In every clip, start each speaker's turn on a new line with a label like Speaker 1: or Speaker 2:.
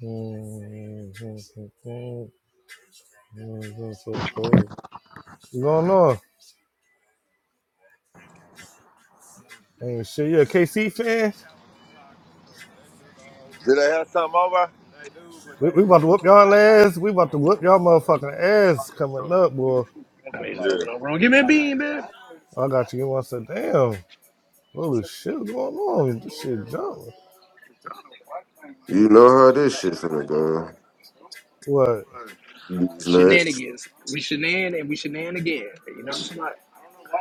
Speaker 1: That's so cold. Mm, it's so cold. What's going on? Ain't sure you a KC fan?
Speaker 2: Did they have something over? They do, but
Speaker 1: We, we about to whoop y'all ass. We about to whoop y'all motherfucking ass coming up, boy.
Speaker 3: I mean, just
Speaker 2: they.
Speaker 3: open up wrong. Give me a
Speaker 2: Yeah.
Speaker 3: bean, man.
Speaker 1: I got you. I said, damn. Holy shit, what's going on? This shit jumping.
Speaker 4: You know how this shit finna go.
Speaker 1: What?
Speaker 4: These nuts.
Speaker 3: Shenanigans. We shenan and we shenan again. You know what I'm talking about? I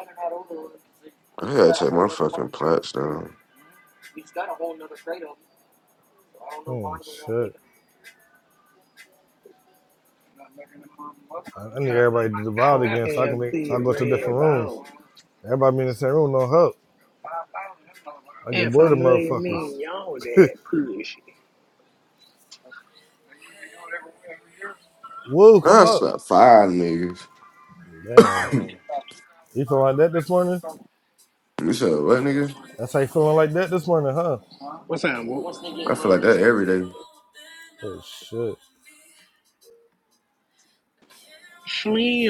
Speaker 4: I gotta take my fucking plats down.
Speaker 1: Oh shit. I, I need
Speaker 3: like
Speaker 1: everybody
Speaker 3: my
Speaker 1: to divide
Speaker 3: own
Speaker 1: again so I can make so I
Speaker 3: thick,
Speaker 1: go to
Speaker 3: red
Speaker 1: different rooms.
Speaker 3: bone.
Speaker 1: Everybody be in the same room, no help. I get
Speaker 3: If
Speaker 1: bored of
Speaker 3: I'm letting
Speaker 1: motherfuckers.
Speaker 3: me y'all that push.
Speaker 1: Woo, come
Speaker 4: I
Speaker 1: up.
Speaker 4: slept five niggas.
Speaker 1: Damn.
Speaker 4: You
Speaker 1: You feel like that this morning?
Speaker 4: said what nigga?
Speaker 1: That's how you feeling like that this morning, huh?
Speaker 3: What's that? Once they they
Speaker 4: I
Speaker 3: get
Speaker 4: feel
Speaker 3: low,
Speaker 4: like
Speaker 3: they
Speaker 4: that
Speaker 3: start
Speaker 4: every
Speaker 3: doing
Speaker 4: day.
Speaker 3: it.
Speaker 1: Oh shit.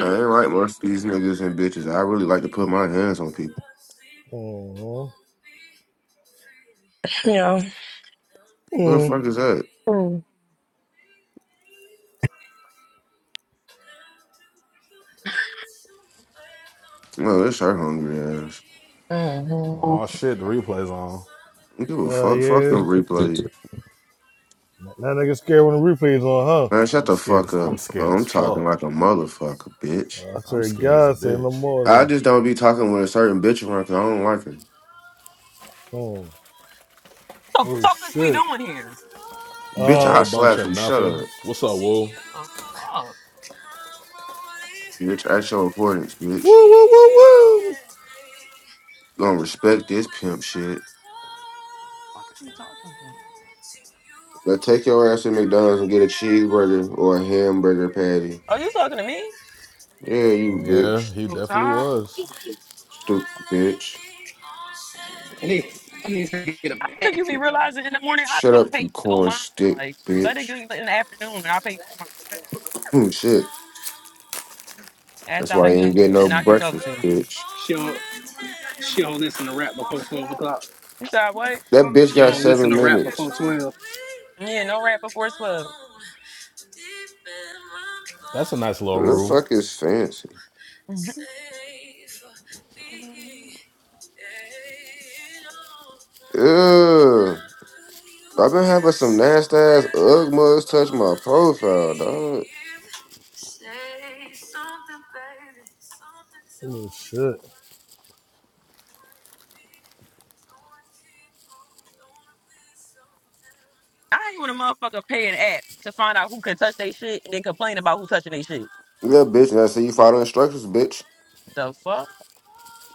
Speaker 4: I ain't like most of these niggas and bitches. I really like to put my hands on people.
Speaker 5: You know,
Speaker 4: What the
Speaker 1: hmm
Speaker 4: fuck is that?
Speaker 5: Mm.
Speaker 4: No, it's her hungry ass.
Speaker 5: Mhm.
Speaker 6: Oh
Speaker 7: Oh shit, the replay's on.
Speaker 4: I don't Give a
Speaker 1: Hell
Speaker 4: fuck. Fuck
Speaker 1: yeah.
Speaker 4: no replay.
Speaker 1: Now nigga scared when the replay's on,
Speaker 4: Man, shut
Speaker 7: I'm
Speaker 4: the
Speaker 7: scared
Speaker 4: fuck
Speaker 7: as I'm
Speaker 4: up.
Speaker 7: scared as
Speaker 4: I'm talking
Speaker 7: fuck.
Speaker 4: like a motherfucker, bitch.
Speaker 1: huh? I
Speaker 7: I'm
Speaker 1: swear to
Speaker 7: scared as a
Speaker 1: God, say no
Speaker 7: bitch.
Speaker 4: I
Speaker 1: more
Speaker 4: just don't be talking with a certain bitch around because I don't like her.
Speaker 1: than. Hmm.
Speaker 5: The
Speaker 1: Oh
Speaker 5: fuck is we
Speaker 1: shit.
Speaker 5: doing here?
Speaker 7: A
Speaker 4: Bitch,
Speaker 1: Um.
Speaker 4: I
Speaker 7: whole bunch
Speaker 4: slap
Speaker 7: of
Speaker 4: you. Shut
Speaker 7: nothing.
Speaker 4: up.
Speaker 7: What's up, Woo?
Speaker 5: Oh fuck.
Speaker 4: Bitch, at your importance, bitch.
Speaker 1: Woo woo woo woo.
Speaker 4: Don't respect this pimp shit.
Speaker 5: The fuck is he talking to?
Speaker 4: Now take your ass to McDonald's and get a cheeseburger or a hamburger patty.
Speaker 5: Are you talking to me?
Speaker 4: Yeah, you
Speaker 7: Yeah,
Speaker 4: bitch.
Speaker 7: he
Speaker 5: Oh,
Speaker 7: definitely
Speaker 5: Tom. What
Speaker 7: was.
Speaker 5: you say?
Speaker 4: Stupid bitch.
Speaker 3: I need, I need to get a
Speaker 5: I don't think you be
Speaker 3: patent.
Speaker 5: realizing in the morning I
Speaker 4: Shut
Speaker 5: don't
Speaker 4: up,
Speaker 5: pay
Speaker 4: you
Speaker 5: no
Speaker 4: corn
Speaker 5: mind.
Speaker 4: stick
Speaker 5: Like let it go
Speaker 4: bitch.
Speaker 5: in the afternoon and I pay for mine. okay?
Speaker 4: Hmm, shit. That's
Speaker 5: After I
Speaker 4: why you ain't
Speaker 5: eat,
Speaker 4: getting no
Speaker 5: then I can talk
Speaker 4: breakfast,
Speaker 5: to you.
Speaker 4: bitch.
Speaker 3: She don't, she don't listen to rap before 12 o'clock.
Speaker 5: You said what?
Speaker 4: That bitch
Speaker 3: You
Speaker 4: got
Speaker 3: don't
Speaker 4: seven
Speaker 3: listen to rap
Speaker 4: minutes.
Speaker 3: before 12.
Speaker 5: Yeah, no rap before twelve.
Speaker 7: That's a nice little
Speaker 4: Who the
Speaker 7: rule.
Speaker 4: fuck is fancy?
Speaker 5: Mhm.
Speaker 4: Ugh. I've been having some nasty ass Ugg mugs touch my profile, dog.
Speaker 5: I ain't want a motherfucker pay an app to find out who could touch their shit and then complain about who touching their shit.
Speaker 4: Yeah, bitch. And I say you follow instructions, bitch.
Speaker 5: The fuck?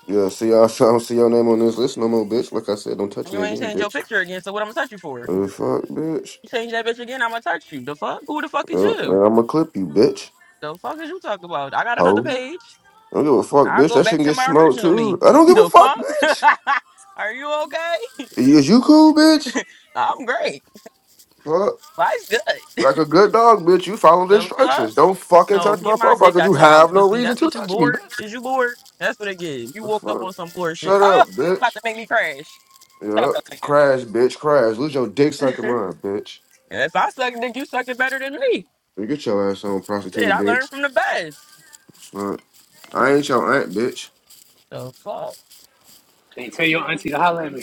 Speaker 4: Yeah, see, I, I don't see your name on this list no more, bitch. Like I said, don't touch
Speaker 5: You
Speaker 4: me
Speaker 5: ain't
Speaker 4: again,
Speaker 5: changed your
Speaker 4: bitch.
Speaker 5: picture again, so what I'm gonna touch you for?
Speaker 4: Uh, fuck, bitch.
Speaker 5: You change that bitch again, I'ma touch you. The fuck? Who the fuck is
Speaker 4: Uh,
Speaker 5: you?
Speaker 4: I'm gonna clip you, bitch.
Speaker 5: The fuck is you talking about? I got another
Speaker 4: Ho.
Speaker 5: page.
Speaker 4: I don't give a fuck,
Speaker 5: I'll
Speaker 4: bitch.
Speaker 5: go
Speaker 4: That shit
Speaker 5: back
Speaker 4: can
Speaker 5: to
Speaker 4: get
Speaker 5: my
Speaker 4: smoked
Speaker 5: original me.
Speaker 4: too. I don't give a
Speaker 5: The
Speaker 4: fuck,
Speaker 5: fuck?
Speaker 4: bitch.
Speaker 5: Are you okay?
Speaker 4: Is you cool, bitch?
Speaker 5: I'm great.
Speaker 4: Fuck.
Speaker 5: Life's good.
Speaker 4: Like a good dog, bitch. You follow the
Speaker 5: The fuck?
Speaker 4: instructions. Don't fucking
Speaker 5: No,
Speaker 4: touch
Speaker 5: get
Speaker 4: my
Speaker 5: my
Speaker 4: profile
Speaker 5: dick
Speaker 4: because you
Speaker 5: out your mouth,
Speaker 4: have no
Speaker 5: pussy.
Speaker 4: reason
Speaker 5: That's
Speaker 4: to
Speaker 5: what you
Speaker 4: touch me,
Speaker 5: bored?
Speaker 4: bitch.
Speaker 5: Is you bored? That's what it is. You
Speaker 4: The
Speaker 5: woke up
Speaker 4: fuck.
Speaker 5: on some bored shit.
Speaker 4: Shut
Speaker 5: Oh,
Speaker 4: up,
Speaker 5: about
Speaker 4: bitch.
Speaker 5: to make me crash. Stop
Speaker 4: Yeah.
Speaker 5: that.
Speaker 4: Crash, bitch. Crash. Lose your dick sucking
Speaker 5: again.
Speaker 4: mine, bitch.
Speaker 5: if I suck dick, you suck it better than me.
Speaker 4: Get your ass on
Speaker 5: Shit,
Speaker 4: prostituted,
Speaker 5: I
Speaker 4: bitch.
Speaker 5: learned from the best.
Speaker 4: Fuck. I ain't your aunt, bitch.
Speaker 5: The fuck?
Speaker 3: Hey, tell your auntie to holler at me.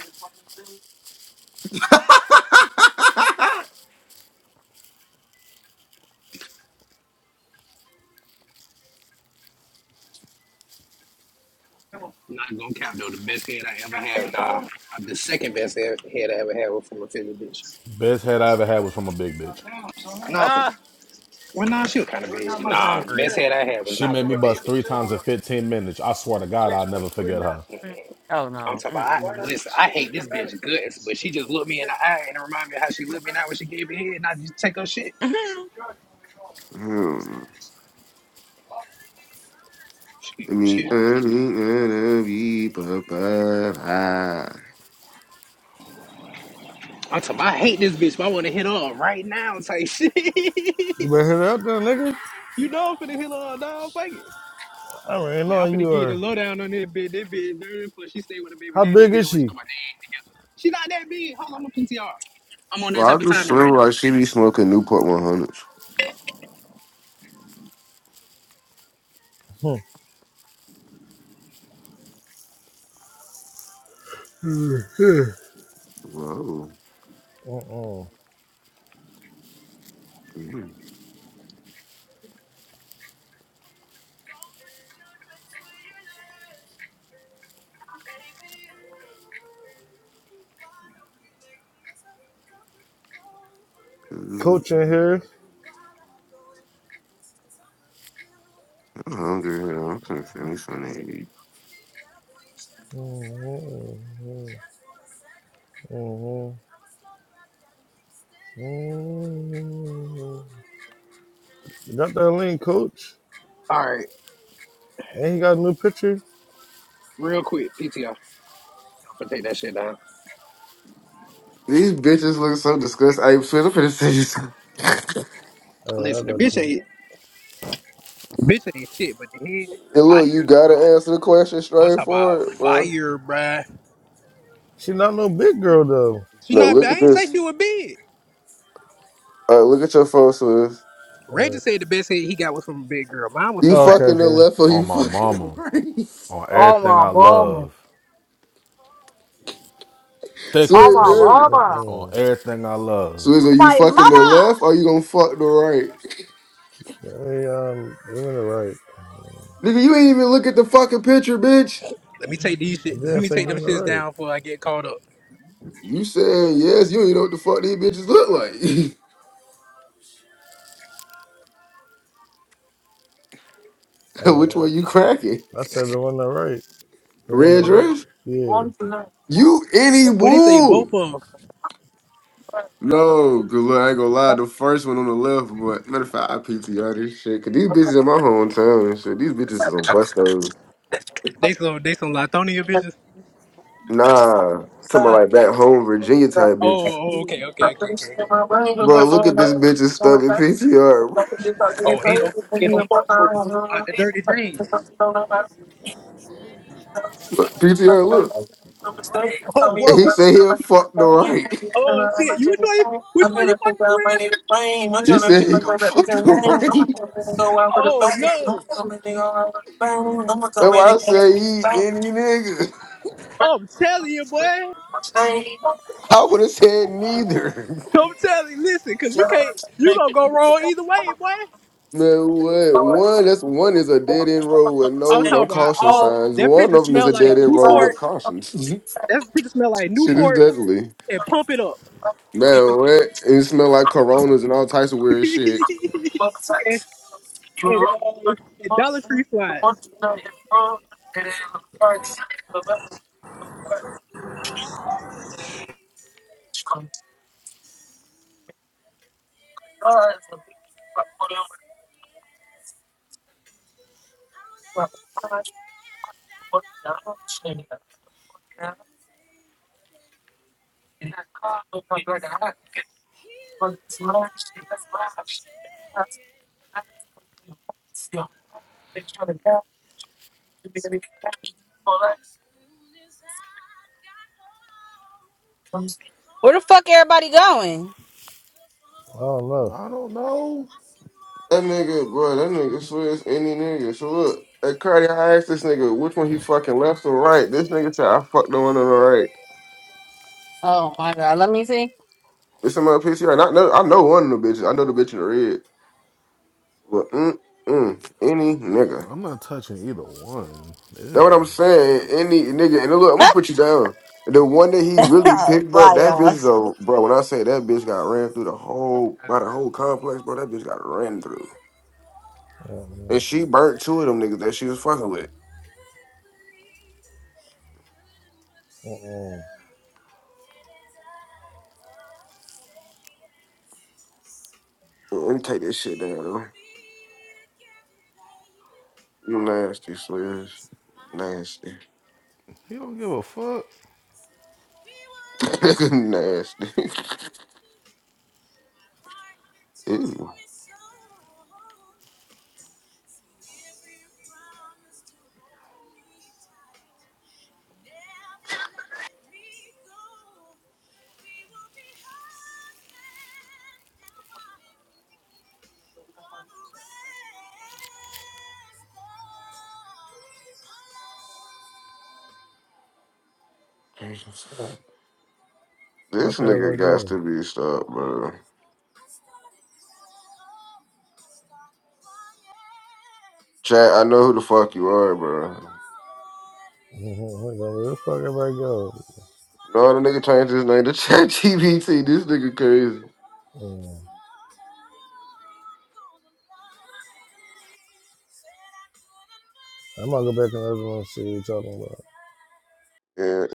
Speaker 3: Not gonna count though. The best head I ever had, nah, Uh, the second best head head I ever had was from a Philly bitch.
Speaker 7: Best head I ever had was from a big bitch.
Speaker 3: Nah, from,
Speaker 5: Uh,
Speaker 3: well, nah, she was kind of big.
Speaker 5: she was
Speaker 3: Nah,
Speaker 5: hungry.
Speaker 3: best head I had was
Speaker 7: She
Speaker 3: not
Speaker 7: made
Speaker 3: from
Speaker 7: me
Speaker 3: a big
Speaker 7: bust three
Speaker 3: bitch.
Speaker 7: times in 15 minutes. I swear to God, I'll never forget her.
Speaker 5: Mm. Oh
Speaker 3: I'm
Speaker 5: no.
Speaker 3: talking about, I,
Speaker 5: Mm-mm.
Speaker 3: listen, I hate this bitch guts, but she just looked me in the eye and reminded me of how she looked me now when she gave me head, and I just take her shit.
Speaker 4: Hmm.
Speaker 3: Excuse
Speaker 4: Me
Speaker 3: excuse me.
Speaker 4: early, early, papa high.
Speaker 3: I'm talking about, I hate this bitch, but I want to hit her up right now type shit.
Speaker 1: You better hit it up there, nigga.
Speaker 3: you know I'm finna hit her up, dog. Fuck it.
Speaker 1: I ran
Speaker 3: Man, I'm
Speaker 1: on
Speaker 3: finna
Speaker 1: you.
Speaker 3: give you the
Speaker 1: are.
Speaker 3: lowdown on this bitch. This bitch dirty, but she stay with her baby
Speaker 1: how
Speaker 3: daddy
Speaker 1: big is
Speaker 3: still. We're
Speaker 1: she?
Speaker 3: talking about they ain't together. She not that big. Hold on, I'm gonna PTR.
Speaker 4: Well, I just slim like she be smoking Newport 100s.
Speaker 1: Hmm. uh-uh.
Speaker 4: Whoa. Mm.
Speaker 1: Coach in
Speaker 4: I'm
Speaker 1: here.
Speaker 4: hungry. you know. I'm gonna send me something to eat.
Speaker 1: Mhm, mhm, mhm. Got that link, coach.
Speaker 3: All right,
Speaker 1: And he got a new picture.
Speaker 3: real quick, PTR. I'm finna take that shit down.
Speaker 4: These bitches look so disgusting. I feel I'm finna
Speaker 1: All right, I
Speaker 3: Listen, the
Speaker 1: got
Speaker 3: bitch
Speaker 1: you.
Speaker 3: ain't, the bitch ain't shit, but the head
Speaker 4: and look, you
Speaker 3: fire,
Speaker 4: gotta
Speaker 3: bro.
Speaker 4: answer the question
Speaker 3: I'm talking about
Speaker 4: straightforward, bro.
Speaker 3: fire, bruh.
Speaker 1: She not no big girl though.
Speaker 3: She
Speaker 4: No,
Speaker 3: not.
Speaker 4: look
Speaker 3: bad.
Speaker 4: at
Speaker 3: I ain't say
Speaker 4: this.
Speaker 3: she was big.
Speaker 4: All right, look at your phone, Swiss.
Speaker 3: Reggie
Speaker 1: Uh,
Speaker 3: said the best head he got was from a big girl. Mine was
Speaker 4: You
Speaker 3: from a
Speaker 1: oh, okay,
Speaker 3: ratchet.
Speaker 4: fucking the
Speaker 1: okay.
Speaker 4: left or
Speaker 7: On
Speaker 4: you
Speaker 7: my
Speaker 4: fucking the
Speaker 7: mama,
Speaker 4: right?
Speaker 7: on everything
Speaker 6: my
Speaker 7: I
Speaker 6: mama.
Speaker 7: love.
Speaker 6: Oh my
Speaker 4: Swiss,
Speaker 7: Thickums,
Speaker 1: Oh,
Speaker 4: Jeremy.
Speaker 6: mama.
Speaker 7: on
Speaker 1: mm-mm.
Speaker 7: everything I
Speaker 4: So
Speaker 7: love.
Speaker 4: is are
Speaker 6: Oh
Speaker 4: you
Speaker 6: my
Speaker 4: fucking the left
Speaker 6: mother.
Speaker 4: or you gonna fuck the right?
Speaker 1: Hey, um, you in the right.
Speaker 4: Nigga, you ain't even look at the fucking picture, bitch.
Speaker 3: Let me take these
Speaker 1: I
Speaker 3: shit. Let
Speaker 1: did. I
Speaker 3: me
Speaker 1: said
Speaker 3: take
Speaker 1: you
Speaker 3: them
Speaker 1: in the
Speaker 3: shits
Speaker 1: right.
Speaker 3: down before I get caught up.
Speaker 4: You saying yes, you ain't know what the fuck these bitches look like.
Speaker 1: I
Speaker 4: Which
Speaker 1: mean,
Speaker 4: one you cracking?
Speaker 1: I, I said the one on the right, the one on the
Speaker 4: Red
Speaker 1: red.
Speaker 4: dress?
Speaker 1: Yeah.
Speaker 6: One for her.
Speaker 4: You any
Speaker 3: What he say? Both
Speaker 4: bull?
Speaker 3: of them.
Speaker 4: No, cause look, I ain't gonna lie, the first one on the left, but matter of fact, I PTR this shit. Cause these bitches in my hometown and shit. These bitches is on bus stones.
Speaker 3: They some they some Latonia bitches.
Speaker 4: Nah, talking about like back home Virginia type
Speaker 3: Oh,
Speaker 4: bitches.
Speaker 3: oh, okay, okay, okay, okay.
Speaker 4: Bro, look at this bitch's stomach PTR.
Speaker 3: Oh, 80 804 hoes out the Dirty James.
Speaker 4: Look, PTR, look.
Speaker 3: Oh,
Speaker 4: And he
Speaker 3: whoa.
Speaker 4: said he'll fuck the right.
Speaker 3: Oh, shit. You, which one you, which one you fucking with?
Speaker 4: He said he'll fuck the right.
Speaker 3: Oh, no.
Speaker 4: That's why I say he any nigga.
Speaker 3: I'm telling you, boy.
Speaker 4: I would have said neither.
Speaker 3: I'm telling you. Listen, because you can't, you going to go wrong either way, boy.
Speaker 4: Man, what? One, that's one is a dead end road with
Speaker 3: i was
Speaker 4: no
Speaker 3: talking
Speaker 4: no
Speaker 3: about
Speaker 4: caution
Speaker 3: all,
Speaker 4: signs.
Speaker 3: that
Speaker 4: One
Speaker 3: picture
Speaker 4: of them is
Speaker 3: smell
Speaker 4: a dead
Speaker 3: like
Speaker 4: end road with
Speaker 3: Newport.
Speaker 4: cautions.
Speaker 3: That picture smell like
Speaker 4: shit is
Speaker 3: Newport
Speaker 4: deadly.
Speaker 3: and pump it up.
Speaker 4: Man, what? It smell like coronas and all types of weird shit.
Speaker 3: and, and, uh, and Dollar Tree flies.
Speaker 6: Where the fuck everybody going?
Speaker 1: I don't know.
Speaker 7: I don't know.
Speaker 4: That nigga, bro. that nigga swears any nigga. So look, at Cardi, I asked this nigga which one he fucking left or right. This nigga said I fucked the one on the right.
Speaker 6: Oh my god, let me see.
Speaker 4: It's in my PCR. And I know I know one of the bitches. I know the bitch in the red. But mm, mm, any nigga.
Speaker 7: I'm not touching either one.
Speaker 4: That's what I'm
Speaker 7: Ew.
Speaker 4: saying. Any nigga. And look, I'm gonna put you down. The one that he really picked, bro,
Speaker 6: Bye
Speaker 4: that bitch
Speaker 6: y'all.
Speaker 4: is a bro. When I say that bitch got ran through the whole by the whole complex, bro, that bitch got ran through.
Speaker 1: Oh, man.
Speaker 4: And she burnt two of them niggas that she was fucking with.
Speaker 1: oh mm
Speaker 4: Let me take this shit down. though. You nasty, Sliz. Nasty.
Speaker 7: He don't give a fuck.
Speaker 4: Nigga nasty. Ew. This
Speaker 1: Fuck
Speaker 4: nigga
Speaker 1: everybody
Speaker 4: got
Speaker 1: go.
Speaker 4: to be stopped, bro. Chat, I know who the fuck you are, bro.
Speaker 1: Mm-hmm. Where the fuck everybody go?
Speaker 4: No other nigga changed his name to Chat GBT. This nigga crazy.
Speaker 1: Mm. I'm gonna go back in the other room and see what you're talking about.
Speaker 4: Yeah,